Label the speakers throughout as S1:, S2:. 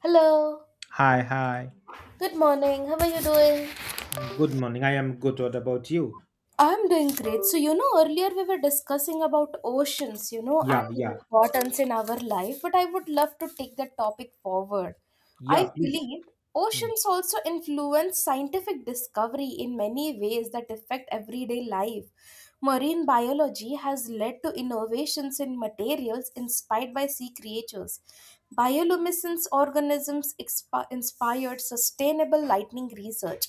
S1: Hello,
S2: Hi, hi.
S1: good morning. How are you doing?
S2: Good morning. I am good. What about you?
S1: I'm doing great. So, earlier we were discussing about oceans, and
S2: Yeah,
S1: their
S2: yeah,
S1: importance in our life, but I would love to take the topic forward.
S2: yeah,
S1: I
S2: please.
S1: believe
S2: Hmm.
S1: oceans also influence scientific discovery in many ways that affect everyday life. Marine biology has led to innovations in materials inspired by sea creatures. Bioluminescence organisms inspired sustainable lightning research.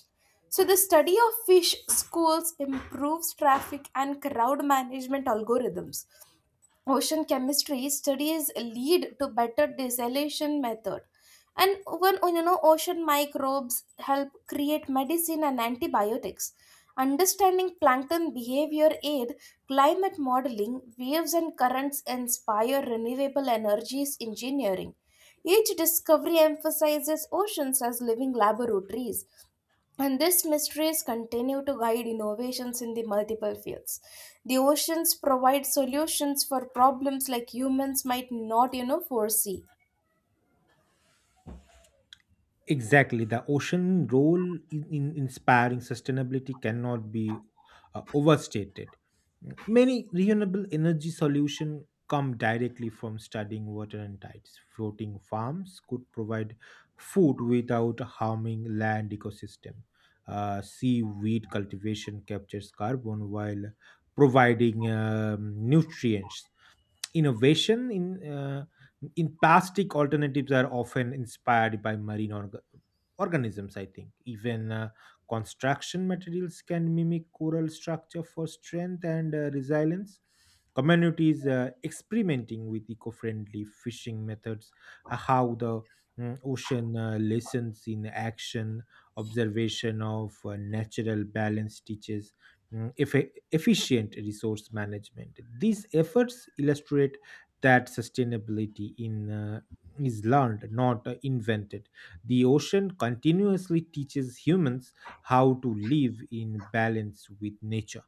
S1: So, the study of fish schools improves traffic and crowd management algorithms. Ocean chemistry studies lead to better desalination method. And when ocean microbes help create medicine and antibiotics. Understanding plankton behavior aid climate modeling, waves and currents inspire renewable energies engineering. Each discovery emphasizes oceans as living laboratories, and these mysteries continue to guide innovations in the multiple fields. The oceans provide solutions for problems like humans might not, foresee.
S2: Exactly. The ocean role in inspiring sustainability cannot be overstated. Many renewable energy solutions come directly from studying water and tides. Floating farms could provide food without harming land ecosystem. Seaweed cultivation captures carbon while providing nutrients innovation in plastic alternatives are often inspired by marine organisms I think even construction materials can mimic coral structure for strength and resilience communities experimenting with eco-friendly fishing methods how the ocean lessons in action observation of natural balance teaches efficient resource management. These efforts illustrate that sustainability in is learned, not invented. The ocean continuously teaches humans how to live in balance with nature.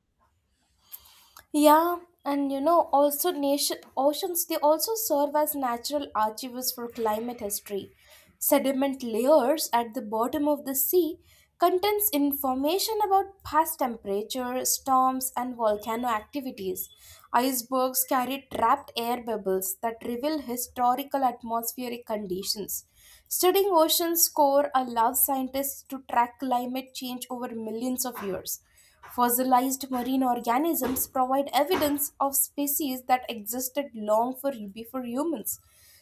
S1: Yeah, and also nation oceans they also serve as natural archives for climate history. Sediment layers at the bottom of the sea contains information about past temperature, storms, and volcano activities. Icebergs carry trapped air bubbles that reveal historical atmospheric conditions. Studying ocean's core allows scientists to track climate change over millions of years. Fossilized marine organisms provide evidence of species that existed long before humans.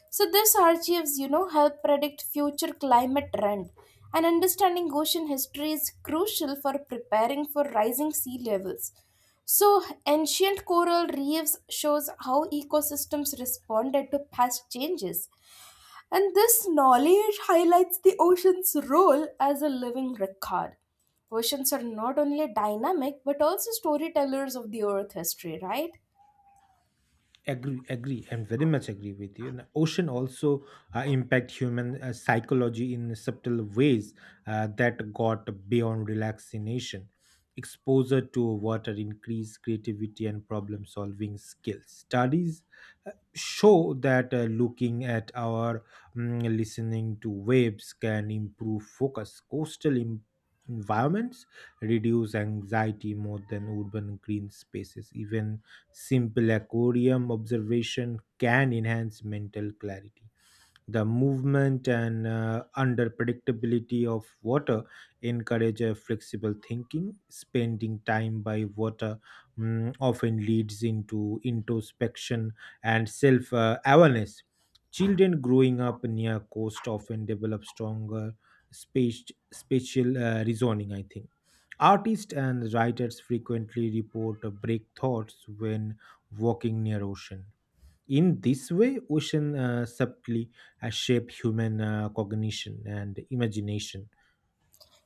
S1: So these archives, help predict future climate trend. And understanding ocean history is crucial for preparing for rising sea levels. So ancient coral reefs shows how ecosystems responded to past changes. And this knowledge highlights the ocean's role as a living record. Oceans are not only dynamic but also storytellers of the earth history, right?
S2: Agree. I'm very much agree with you and ocean also impact human psychology in subtle ways that got beyond relaxation exposure to water increase creativity and problem solving skills studies show that looking at our listening to waves can improve focus coastal environments reduce anxiety more than urban green spaces even simple aquarium observation can enhance mental clarity. The movement and under predictability of water encourage a flexible thinking. Spending time by water often leads into introspection and self awareness. Children growing up near coast often develop stronger space, spatial reasoning, I think. Artists and writers frequently report break thoughts when walking near ocean in this way, ocean subtly shape human cognition and imagination.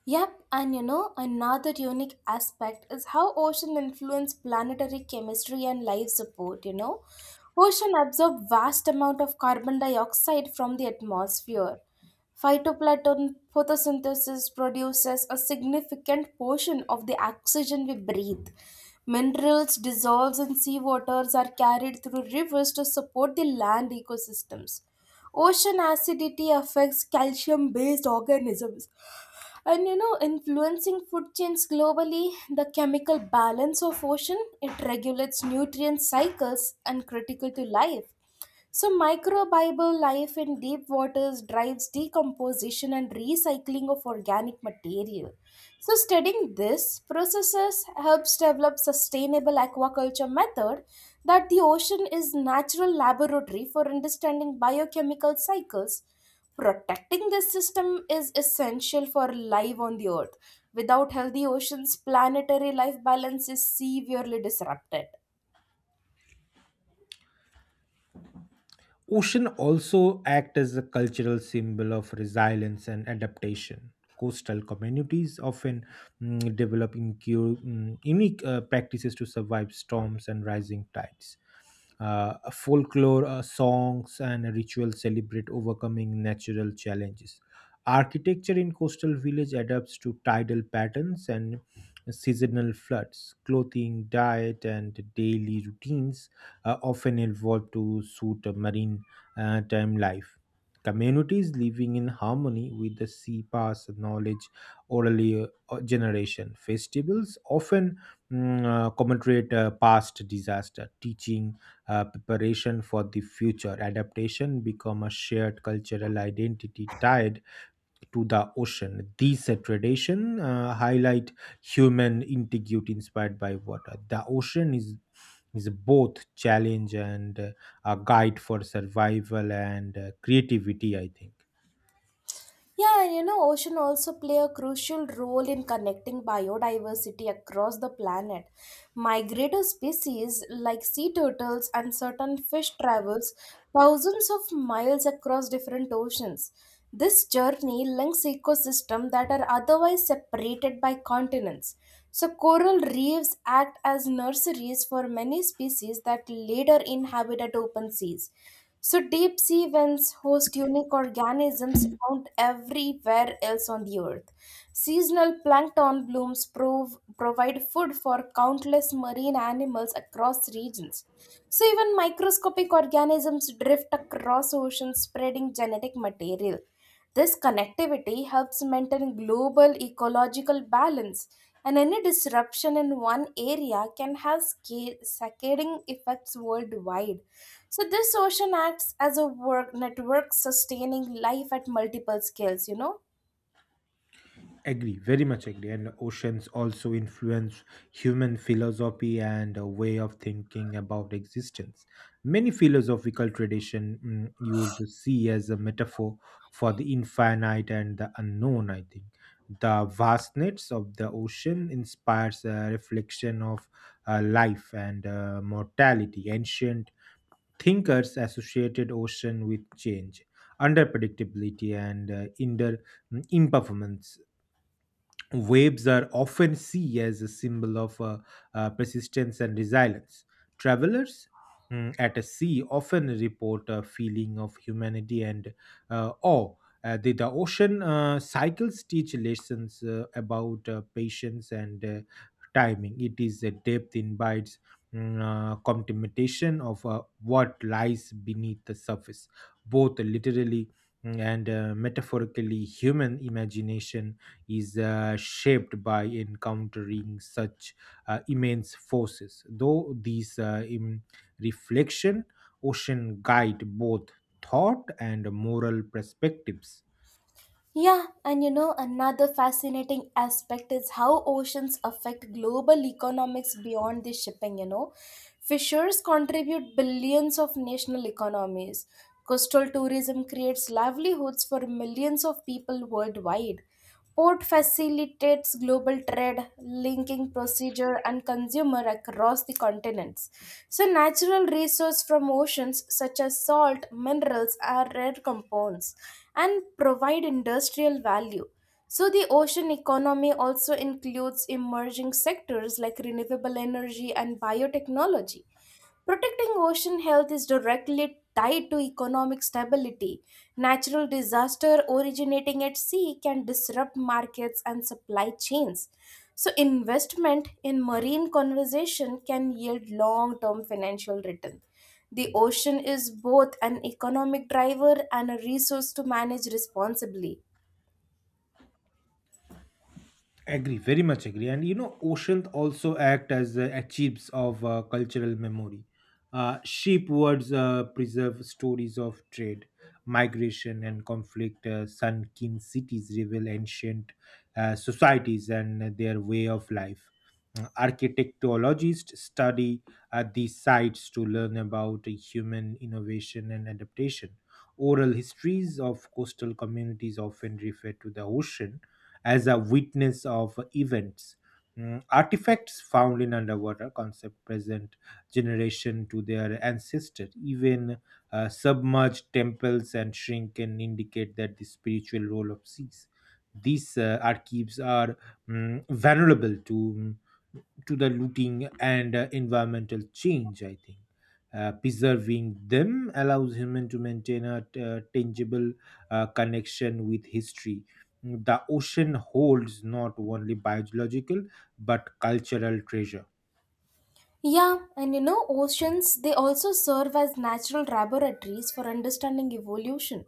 S1: Yep, and another unique aspect is how ocean influence planetary chemistry and life support. Ocean absorb vast amount of carbon dioxide from the atmosphere. Phytoplankton photosynthesis produces a significant portion of the oxygen we breathe. Minerals dissolved in seawaters are carried through rivers to support the land ecosystems. Ocean acidity affects calcium based organisms, and influencing food chains globally. The chemical balance of ocean, it regulates nutrient cycles and critical to life. So, microbial life in deep waters drives decomposition and recycling of organic material. So, studying this processes helps develop sustainable aquaculture method, that the ocean is natural laboratory for understanding biochemical cycles. Protecting this system is essential for life on the earth. Without healthy oceans, planetary life balance is severely disrupted.
S2: Ocean also act as a cultural symbol of resilience and adaptation. Coastal communities often develop unique practices to survive storms and rising tides. Folklore songs and rituals celebrate overcoming natural challenges. Architecture in coastal village adapts to tidal patterns and seasonal floods. Clothing, diet, and daily routines often evolved to suit marine time life. Communities living in harmony with the sea pass knowledge orally generation. Festivals often commemorate past disaster, teaching preparation for the future. Adaptation become a shared cultural identity tied to the ocean. These tradition highlight human integrity inspired by water. The ocean is both challenge and a guide for survival and creativity. I think.
S1: Yeah, and ocean also play a crucial role in connecting biodiversity across the planet. Migratory species like sea turtles and certain fish travels thousands of miles across different oceans. This journey links ecosystems that are otherwise separated by continents. So coral reefs act as nurseries for many species that later inhabited open seas. So deep sea vents host unique organisms found everywhere else on the earth. Seasonal plankton blooms provide food for countless marine animals across regions. So even microscopic organisms drift across oceans spreading genetic material. This connectivity helps maintain global ecological balance, and any disruption in one area can have cascading effects worldwide. So, this ocean acts as a work network sustaining life at multiple scales.
S2: Agree, very much agree. And oceans also influence human philosophy and a way of thinking about existence. Many philosophical tradition use the sea as a metaphor for the infinite and the unknown. I think the vastness of the ocean inspires a reflection of life and mortality. Ancient thinkers associated ocean with change, underpredictability, and imperformance. Waves are often seen as a symbol of persistence and resilience. Travelers at a sea often report a feeling of humanity and awe. The ocean cycles teach lessons about patience and timing. It is a depth invites contemplation of what lies beneath the surface, both literally and metaphorically. Human imagination is shaped by encountering such immense forces. Though these in reflection ocean guide both thought and moral perspectives.
S1: Yeah, and another fascinating aspect is how oceans affect global economics beyond the shipping. Fishers contribute billions of national economies. Coastal tourism creates livelihoods for millions of people worldwide. Port facilitates global trade, linking procedure and consumer across the continents. So natural resources from oceans such as salt, minerals are rare compounds and provide industrial value. So the ocean economy also includes emerging sectors like renewable energy and biotechnology. Protecting ocean health is directly tied to economic stability. Natural disaster originating at sea can disrupt markets and supply chains. So, investment in marine conservation can yield long term financial return. The ocean is both an economic driver and a resource to manage responsibly.
S2: Agree, very much agree. And you know, oceans also act as archives of cultural memory. Shipwrecks preserve stories of trade, migration, and conflict. Sunken cities reveal ancient societies and their way of life. Architectologists study these sites to learn about human innovation and adaptation. Oral histories of coastal communities often refer to the ocean as a witness of events. Artifacts found in underwater concept present generation to their ancestors. Even submerged temples and shrine can indicate that the spiritual role of seas. These archives are vulnerable to to the looting and environmental change I think preserving them allows human to maintain a tangible connection with history the ocean holds not only biological but cultural treasure.
S1: Yeah, and oceans, they also serve as natural laboratories for understanding evolution.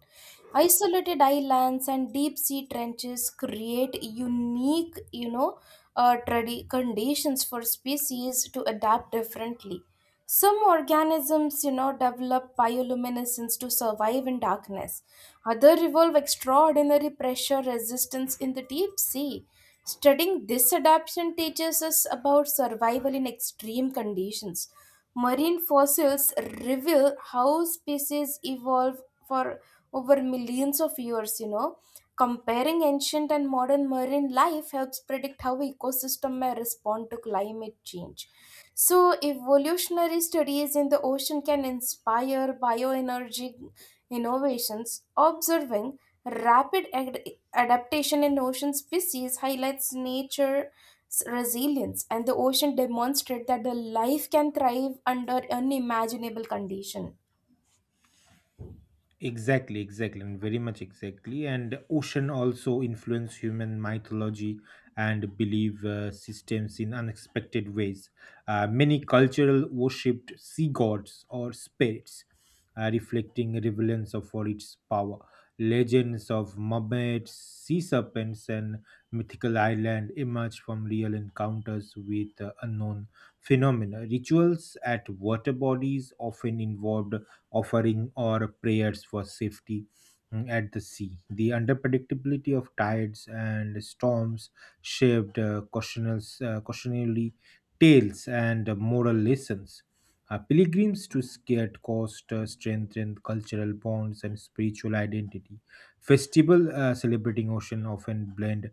S1: Isolated islands and deep sea trenches create unique, conditions for species to adapt differently. Some organisms, develop bioluminescence to survive in darkness. Others evolve extraordinary pressure resistance in the deep sea. Studying this adaptation teaches us about survival in extreme conditions. Marine fossils reveal how species evolved for over millions of years. Comparing ancient and modern marine life helps predict how ecosystem may respond to climate change. So, evolutionary studies in the ocean can inspire bioenergy innovations. Observing rapid adaptation in ocean species highlights nature resilience, and the ocean demonstrate that the life can thrive under unimaginable condition.
S2: Exactly. And ocean also influence human mythology and belief systems in unexpected ways. Many cultural worshipped sea gods or spirits, reflecting relevance of for its power. Legends of mermaids, sea serpents, and mythical island emerge from real encounters with unknown phenomena. Rituals at water bodies often involved offering or prayers for safety at the sea. The unpredictability of tides and storms shaped cautionary tales and moral lessons. Pilgrims to Scared Coast strengthened cultural bonds and spiritual identity. Festival celebrating ocean often blend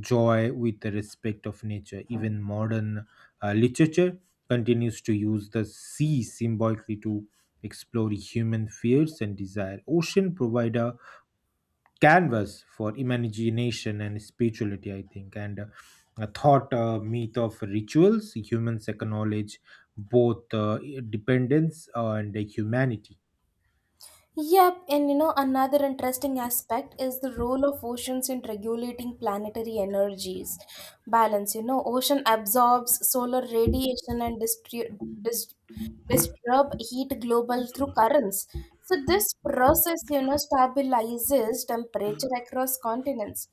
S2: joy with the respect of nature. Even modern literature continues to use the sea symbolically to explore human fears and desire. Ocean provide a canvas for imagination and spirituality, I think, and a thought myth of rituals. Humans acknowledge both dependence and humanity.
S1: Yep, and another interesting aspect is the role of oceans in regulating planetary energies balance. Ocean absorbs solar radiation and dis- disturb heat global through currents. So this process stabilizes temperature across continents.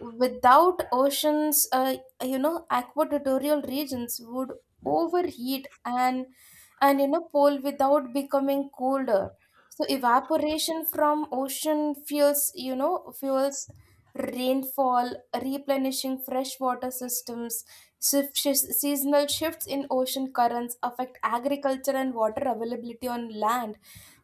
S1: Without oceans, aquatorial regions would overheat, and pole without becoming colder. So evaporation from ocean fuels you know fuels rainfall, replenishing freshwater systems. Seasonal shifts in ocean currents affect agriculture and water availability on land.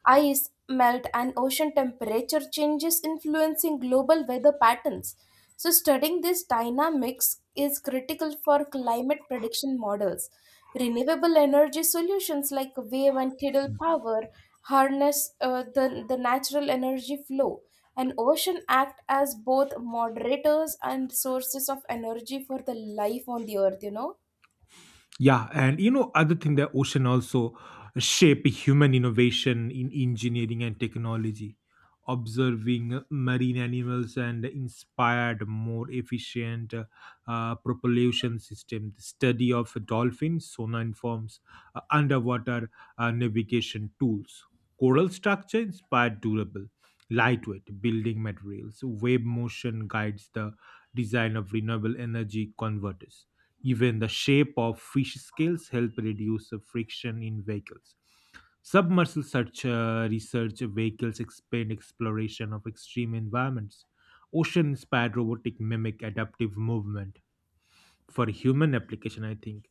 S1: Ice melt and ocean temperature changes influencing global weather patterns. So, studying these dynamics is critical for climate prediction models. Renewable energy solutions like wave and tidal power harness the natural energy flow, and ocean act as both moderators and sources of energy for the life on the earth.
S2: Yeah, and you know, other thing the ocean also shape human innovation in engineering and technology. Observing marine animals and inspired more efficient propulsion system. The study of dolphins sonar informs underwater navigation tools. Coral structure inspired durable, lightweight building materials. Wave motion guides the design of renewable energy converters even the shape of fish scales help reduce the friction in vehicles. Submersible search research vehicles expand exploration of extreme environments. Ocean-inspired robotic mimic adaptive movement. For human application, I think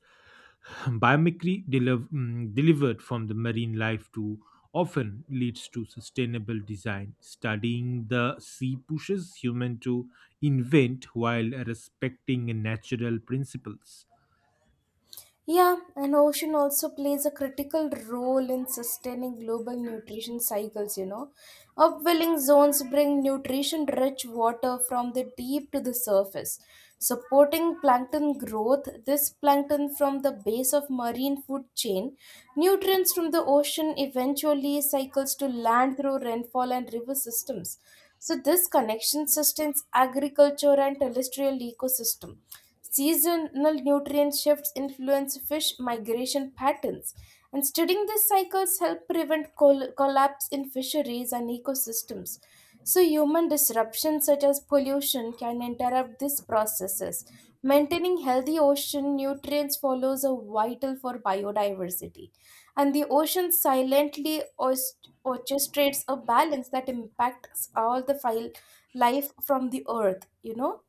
S2: biomimicry delivered from the marine life to often leads to sustainable design. Studying the sea pushes human to invent while respecting natural principles.
S1: Yeah, and ocean also plays a critical role in sustaining global nutrition cycles. Upwelling zones bring nutrition-rich water from the deep to the surface, supporting plankton growth. This plankton from the base of marine food chain, nutrients from the ocean eventually cycles to land through rainfall and river systems. So this connection sustains agriculture and terrestrial ecosystem. Seasonal nutrient shifts influence fish migration patterns, and studying these cycles help prevent collapse in fisheries and ecosystems. So, human disruptions such as pollution can interrupt these processes. Maintaining healthy ocean nutrients follows are vital for biodiversity, and the ocean silently orchestrates a balance that impacts all the file life from the earth.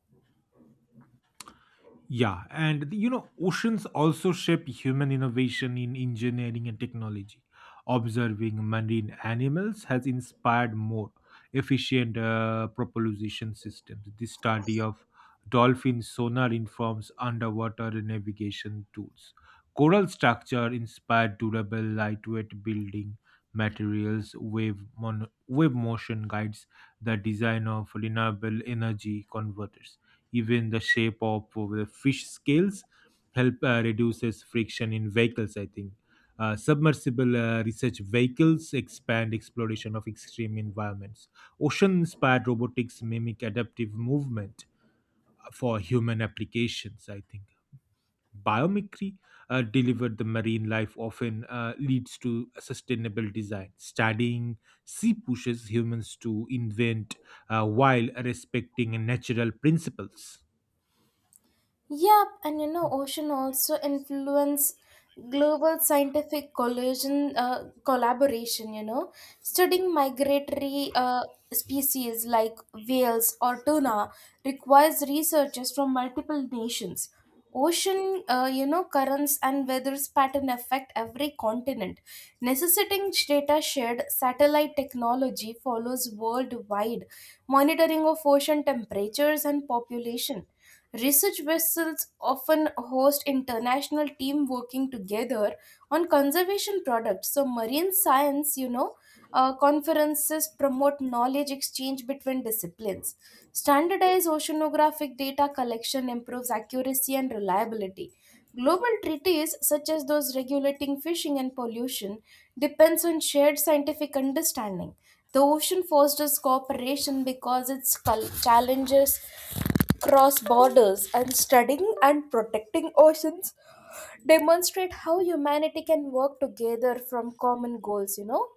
S2: Yeah, and you know, oceans also shape human innovation in engineering and technology. Observing marine animals has inspired more efficient propulsion systems. The study of dolphin sonar informs underwater navigation tools. Coral structure inspired durable, lightweight building materials. Wave motion guides the design of renewable energy converters. Even the shape of the fish scales help reduces friction in vehicles. I think submersible research vehicles expand exploration of extreme environments. Ocean-inspired robotics mimic adaptive movement for human applications. I think biomimicry delivered the marine life often leads to sustainable design studying sea pushes humans to invent while respecting natural principles.
S1: Yep, and ocean also influence global scientific collision collaboration. Studying migratory species like whales or tuna requires researchers from multiple nations. Ocean, currents and weather's pattern affect every continent. Necessitating data shared satellite technology follows worldwide monitoring of ocean temperatures and population. Research vessels often host international team working together on conservation products. So marine science, conferences promote knowledge exchange between disciplines. Standardized oceanographic data collection improves accuracy and reliability. Global treaties such as those regulating fishing and pollution depends on shared scientific understanding. The ocean fosters cooperation because it challenges cross borders, and studying and protecting oceans demonstrate how humanity can work together from common goals.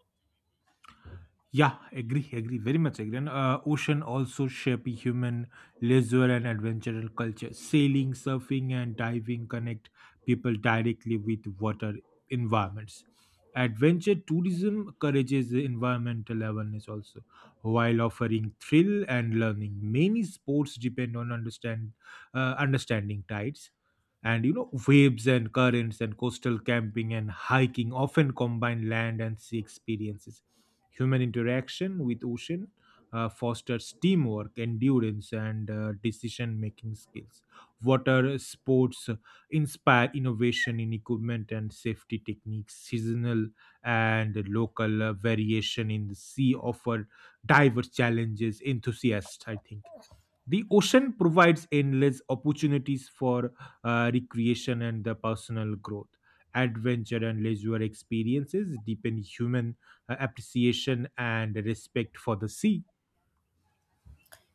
S2: Yeah, agree, agree, very much agree. And ocean also shape human leisure and adventure culture. Sailing, surfing, and diving connect people directly with water environments. Adventure tourism encourages environmental awareness also, while offering thrill and learning. Many sports depend on understanding tides and you know waves and currents and coastal camping and hiking often combine land and sea experiences. Human interaction with ocean fosters teamwork, endurance, and decision-making skills. Water sports inspire innovation in equipment and safety techniques. Seasonal and local variation in the sea offer diverse challenges. Enthusiasts, I think. The ocean provides endless opportunities for recreation and the personal growth. Adventure and leisure experiences deepen human appreciation and respect for the sea.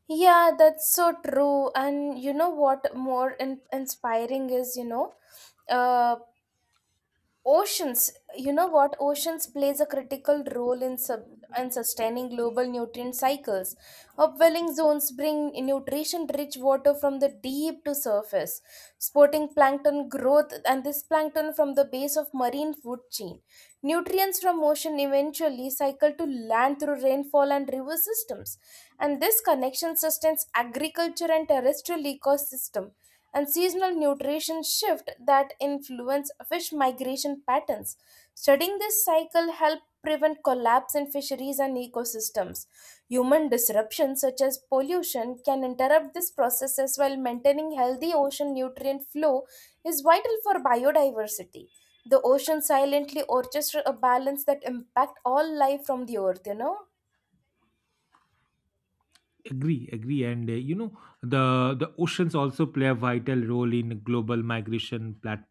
S1: Yeah, that's so true, and you know what more inspiring is uh, Oceans, you know what? Oceans plays a critical role in sub in sustaining global nutrient cycles. Upwelling zones bring nutrition-rich water from the deep to surface, supporting plankton growth, and this plankton from the base of marine food chain. Nutrients from ocean eventually cycle to land through rainfall and river systems, and this connection sustains agriculture and terrestrial ecosystem, and seasonal nutrition shift that influence fish migration patterns. Studying this cycle help prevent collapse in fisheries and ecosystems. Human disruptions such as pollution can interrupt these processes while maintaining healthy ocean nutrient flow is vital for biodiversity. The ocean silently orchestrates a balance that impact all life from the earth?
S2: Agree. And you know the oceans also play a vital role in global migration plat-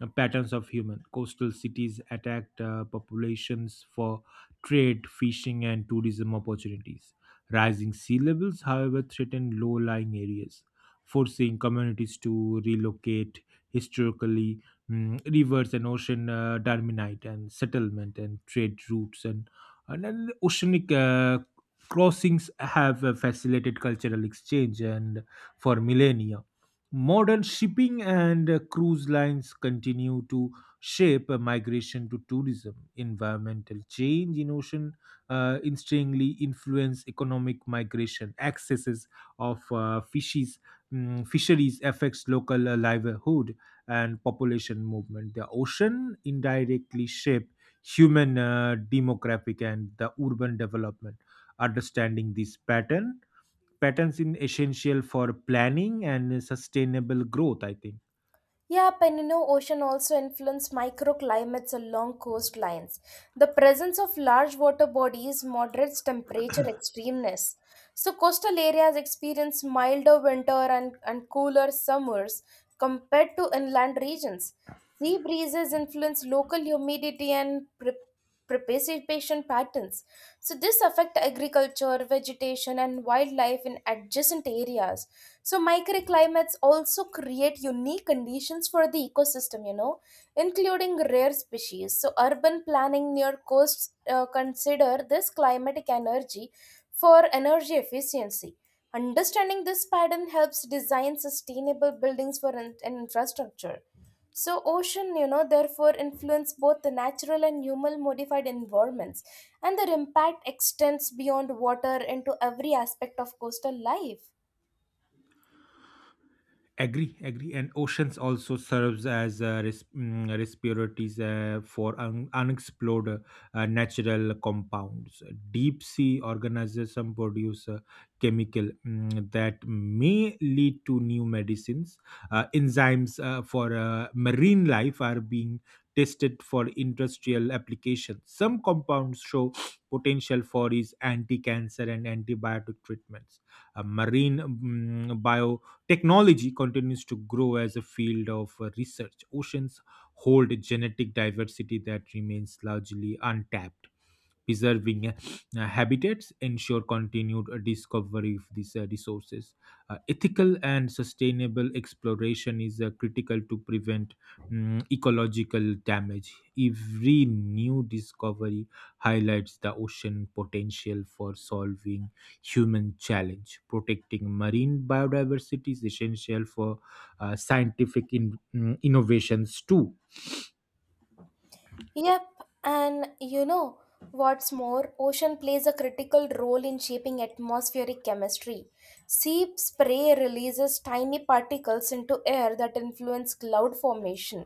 S2: uh, patterns of human coastal cities attacked populations for trade fishing and tourism opportunities rising sea levels however threaten low-lying areas forcing communities to relocate historically rivers and ocean dominate and settlement and trade routes and then oceanic crossings have facilitated cultural exchange and for millennia modern shipping and cruise lines continue to shape migration to tourism environmental change in ocean interestingly influence economic migration excesses of fisheries affects local livelihood and population movement the ocean indirectly shape human demographic and the urban development understanding this pattern patterns in essential for planning and sustainable growth I think.
S1: Yeah, Penino Ocean also influenced microclimates along coastlines. The presence of large water bodies moderates temperature extremeness. So coastal areas experience milder winter and cooler summers compared to inland regions. Sea breezes influence local humidity and precipitation patterns. So this affect agriculture, vegetation and wildlife in adjacent areas. So microclimates also create unique conditions for the ecosystem, including rare species. So urban planning near coasts consider this climatic energy for energy efficiency. Understanding this pattern helps design sustainable buildings for and infrastructure. So ocean, therefore influence both the natural and human modified environments, and their impact extends beyond water into every aspect of coastal life.
S2: Agree, agree. And oceans also serves as respiratories for unexplored natural compounds. Deep sea organisms produce chemical that may lead to new medicines. Enzymes for marine life are being tested for industrial application. Some compounds show potential for is anti-cancer and antibiotic treatments. Marine bio technology continues to grow as a field of research. Oceans hold a genetic diversity that remains largely untapped. Preserving habitats ensure continued discovery of these resources. Ethical and sustainable exploration is critical to prevent ecological damage. Every new discovery highlights the ocean potential for solving human challenge. Protecting marine biodiversity is essential for scientific innovations too.
S1: Yep, and you know what's more, ocean plays a critical role in shaping atmospheric chemistry. Sea spray releases tiny particles into air that influence cloud formation.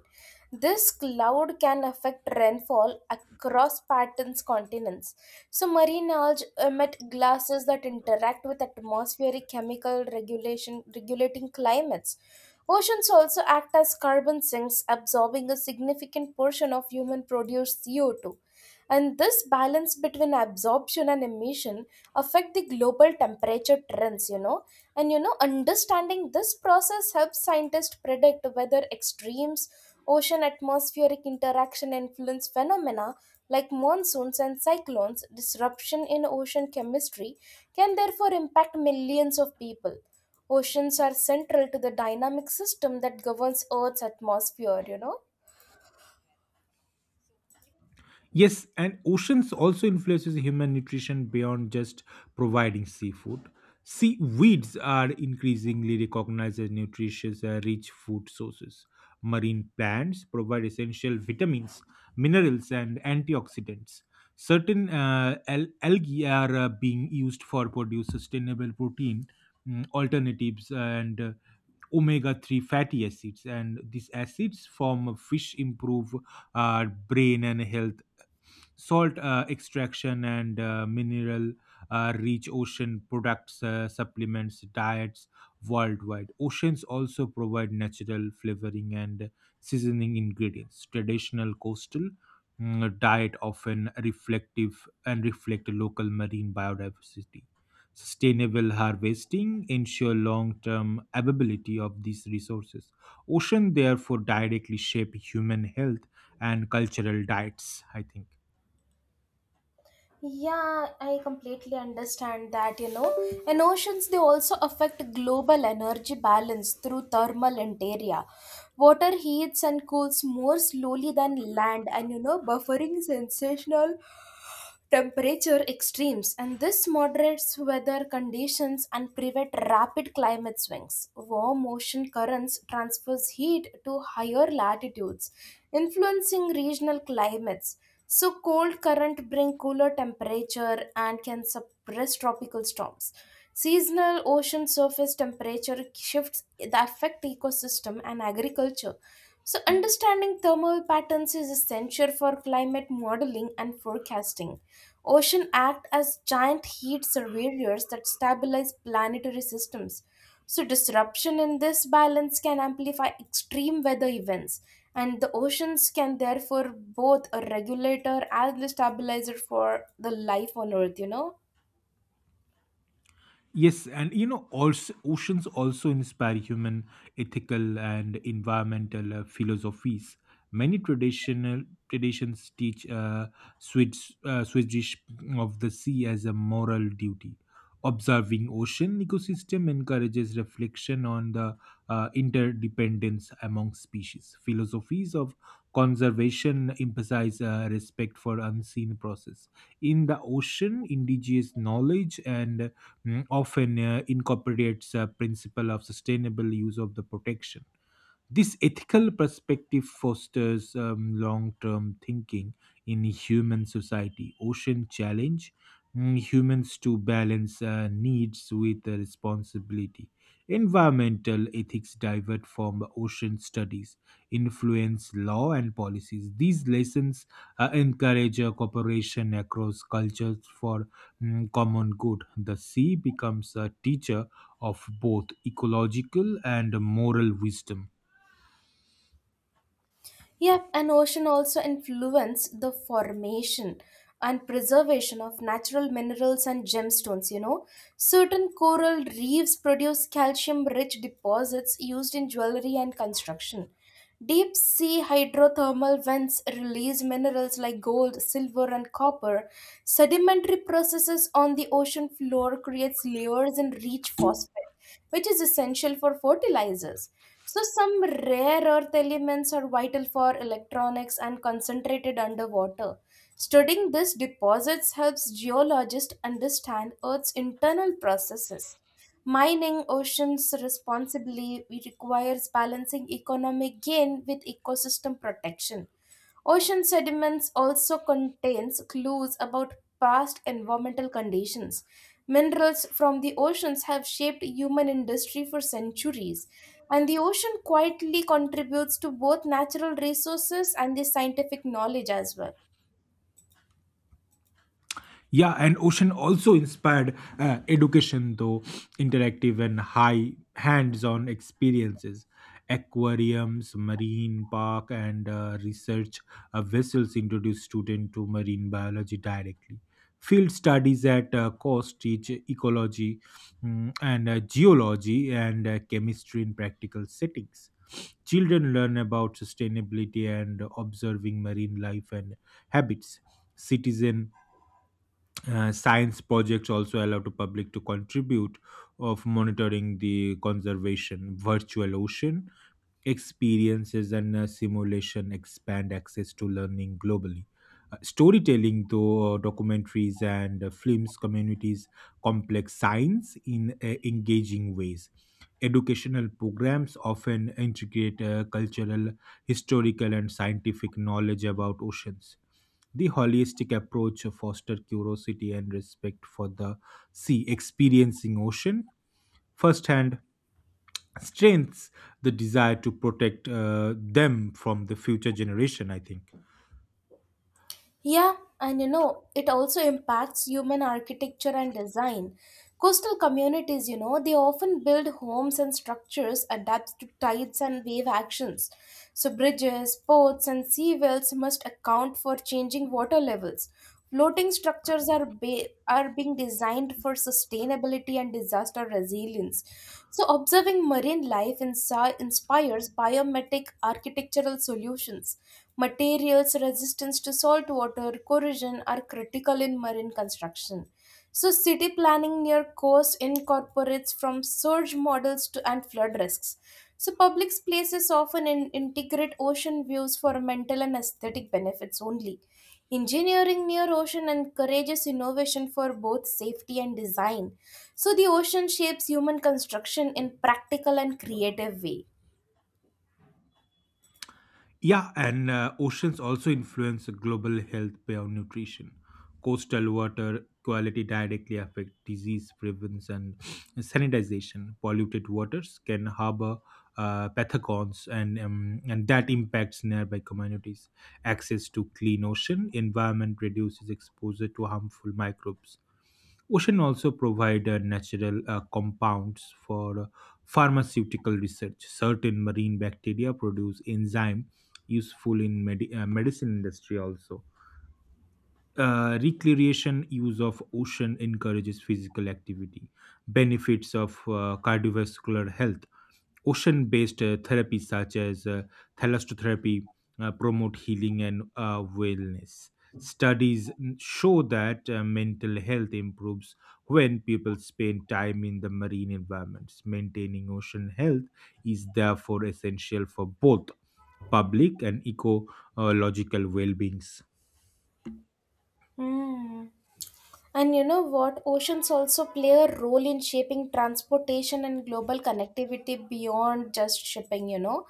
S1: This cloud can affect rainfall across patterns continents. So marine algae emit gases that interact with atmospheric chemical regulation regulating climates. Oceans also act as carbon sinks, absorbing a significant portion of human produced CO2, and this balance between absorption and emission affect the global temperature trends. And understanding this process helps scientists predict whether extremes ocean atmospheric interaction influence phenomena like monsoons and cyclones disruption in ocean chemistry can therefore impact millions of people oceans are central to the dynamic system that governs earth's atmosphere
S2: Yes, and oceans also influences human nutrition beyond just providing seafood. Seaweeds are increasingly recognized as nutritious, rich food sources. Marine plants provide essential vitamins, minerals, and antioxidants. Certain algae are being used for produce sustainable protein alternatives and omega-3 fatty acids and these acids from fish improve our brain and health salt extraction and mineral rich ocean products, supplements, diets worldwide. Oceans also provide natural flavoring and seasoning ingredients. Traditional coastal diet often reflective and reflect local marine biodiversity. Sustainable harvesting ensure long-term availability of these resources. Ocean therefore directly shape human health and cultural diets, I think.
S1: Yeah, I completely understand that. And oceans, they also affect global energy balance through thermal interior. Water heats and cools more slowly than land, and, buffering sensational temperature extremes, and this moderates weather conditions and prevent rapid climate swings. Warm ocean currents transfers heat to higher latitudes, influencing regional climates. So cold current bring cooler temperature and can suppress tropical storms. Seasonal ocean surface temperature shifts that affect ecosystem and agriculture. So understanding thermal patterns is essential for climate modeling and forecasting. Ocean act as giant heat surveyors that stabilize planetary systems. So disruption in this balance can amplify extreme weather events and the oceans can therefore both a regulator and the stabilizer for the life on earth,
S2: Yes, and you know, also oceans also inspire human ethical and environmental philosophies. Many traditional traditions teach Swiss Swedish of the sea as a moral duty. Observing ocean ecosystem encourages reflection on the interdependence among species. Philosophies of conservation emphasize respect for unseen process in the ocean. Indigenous knowledge and often incorporates a principle of sustainable use of the protection this ethical perspective fosters long term thinking in human society. Ocean challenge humans to balance needs with responsibility. Environmental ethics divert from ocean studies, influence law and policies. These lessons encourage cooperation across cultures for common good. The sea becomes a teacher of both ecological and moral wisdom.
S1: Yep, and ocean also influence the formation and preservation of natural minerals and gemstones. Certain coral reefs produce calcium-rich deposits used in jewelry and construction. Deep sea hydrothermal vents release minerals like gold, silver, and copper. Sedimentary processes on the ocean floor creates layers and rich phosphate, which is essential for fertilizers. So, some rare earth elements are vital for electronics and concentrated underwater. Studying these deposits helps geologists understand Earth's internal processes. Mining oceans responsibly requires balancing economic gain with ecosystem protection. Ocean sediments also contains clues about past environmental conditions. Minerals from the oceans have shaped human industry for centuries. And the ocean quietly contributes to both natural resources and the scientific knowledge as well.
S2: Yeah, and Ocean also inspired education, though interactive and high hands on experiences. Aquariums, marine park, and research vessels introduce students to marine biology directly. Field studies at coast teach ecology and geology and chemistry in practical settings. Children learn about sustainability and observing marine life and habits. Citizen science projects also allow the public to contribute of monitoring the conservation virtual ocean experiences and simulation expand access to learning globally. Storytelling, though, documentaries and films communities complex science in engaging ways. Educational programs often integrate cultural, historical, and scientific knowledge about oceans. The holistic approach fosters curiosity and respect for the sea, experiencing ocean firsthand strengths the desire to protect them from the future generation I think.
S1: Yeah, and it also impacts human architecture and design. Coastal communities, they often build homes and structures adapt to tides and wave actions. So, bridges, ports, and sea wells must account for changing water levels. Floating structures are are being designed for sustainability and disaster resilience. So observing marine life inspires biomimetic architectural solutions. Materials resistance to salt water corrosion are critical in marine construction. So, city planning near coast incorporates from surge models to and flood risks. So, public places often integrate ocean views for mental and aesthetic benefits only. Engineering near ocean encourages innovation for both safety and design. So, the ocean shapes human construction in practical and creative way.
S2: Yeah, and oceans also influence global health beyond nutrition. Coastal water quality directly affect disease prevention and sanitization. Polluted waters can harbor pathogens, and that impacts nearby communities. Access to clean ocean environment reduces exposure to harmful microbes. Ocean also provide natural compounds for pharmaceutical research. Certain marine bacteria produce enzyme useful in medicine industry also recreation use of ocean encourages physical activity benefits of cardiovascular health ocean based therapies such as thalassotherapy promote healing and wellness studies show that mental health improves when people spend time in the marine environments maintaining ocean health is therefore essential for both public and ecological well-being.
S1: Hmm. And you know what? Oceans also play a role in shaping transportation and global connectivity beyond just shipping,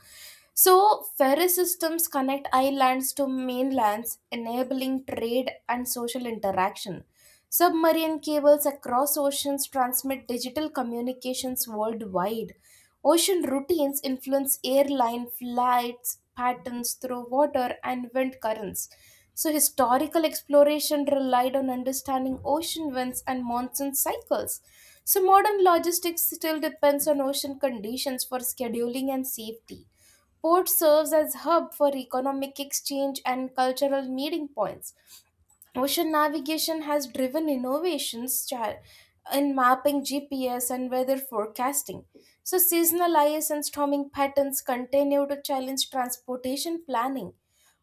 S1: So, ferry systems connect islands to mainlands, enabling trade and social interaction. Submarine cables across oceans transmit digital communications worldwide. Ocean routines influence airline flights patterns through water and wind currents. So, historical exploration relied on understanding ocean winds and monsoon cycles. So, modern logistics still depends on ocean conditions for scheduling and safety. Port serves as hub for economic exchange and cultural meeting points. Ocean navigation has driven innovations in mapping GPS and weather forecasting. So, seasonal ice and storming patterns continue to challenge transportation planning.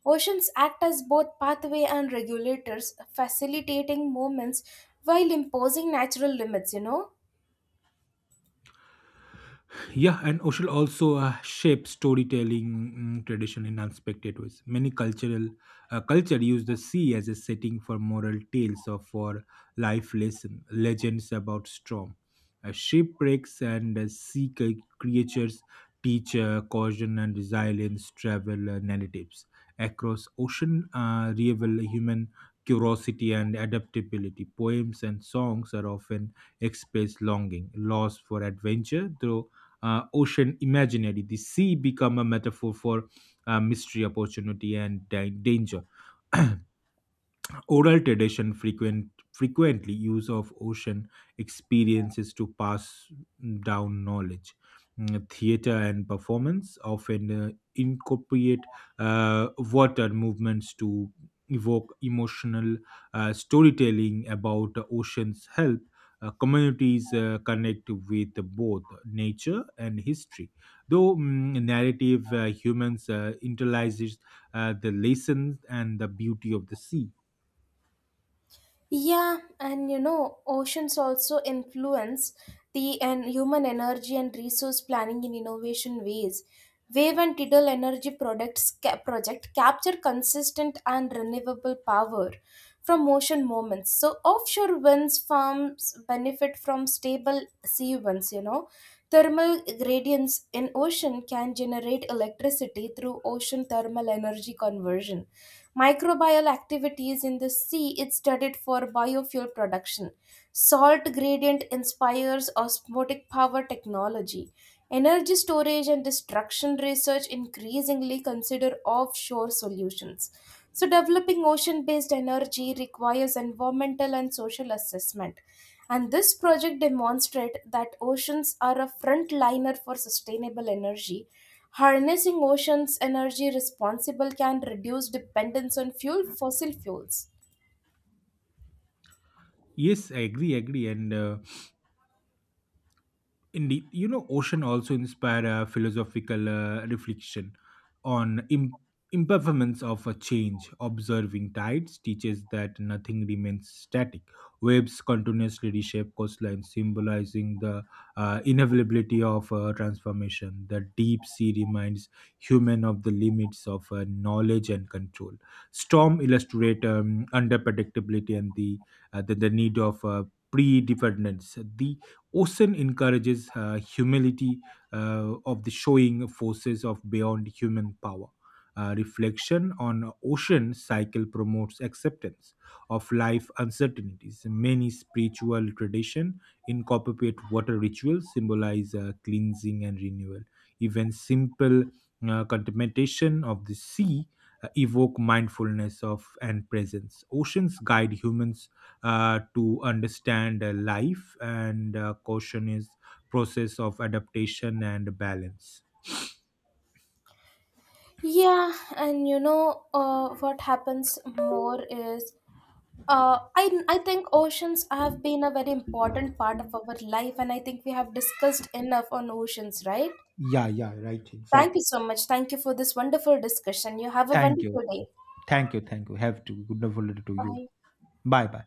S1: Oceans act as both pathway and regulators, facilitating movements while imposing natural limits,
S2: Yeah, and Oshul also shapes storytelling tradition in unexpected ways. Many cultural culture use the sea as a setting for moral tales or for life lesson legends about storm, shipwrecks, and sea creatures teach caution and resilience. Travel narratives across ocean reveal human curiosity and adaptability. Poems and songs are often express longing, loss for adventure, though ocean imaginary. The sea become a metaphor for mystery, opportunity, and danger. Oral tradition frequently use of ocean experiences to pass down knowledge. Theater and performance often incorporate water movements to evoke emotional storytelling about the ocean's help. Communities connect with both nature and history. Though narrative humans internalizes the lessons and the beauty of the sea.
S1: Yeah, and oceans also influence the and human energy and resource planning in innovation ways. Wave and tidal energy products project capture consistent and renewable power from ocean movements. So offshore winds farms benefit from stable sea winds, Thermal gradients in ocean can generate electricity through ocean thermal energy conversion. Microbial activities in the sea is studied for biofuel production. Salt gradient inspires osmotic power technology. Energy storage and destruction research increasingly consider offshore solutions. So, developing ocean based energy requires environmental and social assessment. And this project demonstrates that oceans are a frontliner for sustainable energy. Harnessing oceans' energy responsible can reduce dependence on fuel fossil fuels.
S2: Yes, I agree. And Indeed, you know, ocean also inspire a philosophical reflection on impermanence of a change. Observing tides teaches that nothing remains static. Waves continuously reshape coastlines, symbolizing the inevitability of transformation. The deep sea reminds human of the limits of knowledge and control. Storm illustrate under predictability and the need of predefiniteness. The Ocean encourages humility of the showing forces of beyond human power. Reflection on ocean cycle promotes acceptance of life uncertainties. Many spiritual tradition incorporate water rituals symbolize cleansing and renewal. Even simple contemplation of the sea evoke mindfulness of and presence. Oceans guide humans to understand life and caution is process of adaptation and balance.
S1: Yeah, and what happens more is I think oceans have been a very important part of our life, and I think we have discussed enough on oceans, right?
S2: Yeah, yeah, right.
S1: Thank you
S2: Exactly.
S1: so much. Thank you for this wonderful discussion. You have a
S2: Thank you.
S1: wonderful day.
S2: Thank you. Thank you. Have to. Good wonderful day to you.
S1: Bye.
S2: Bye bye.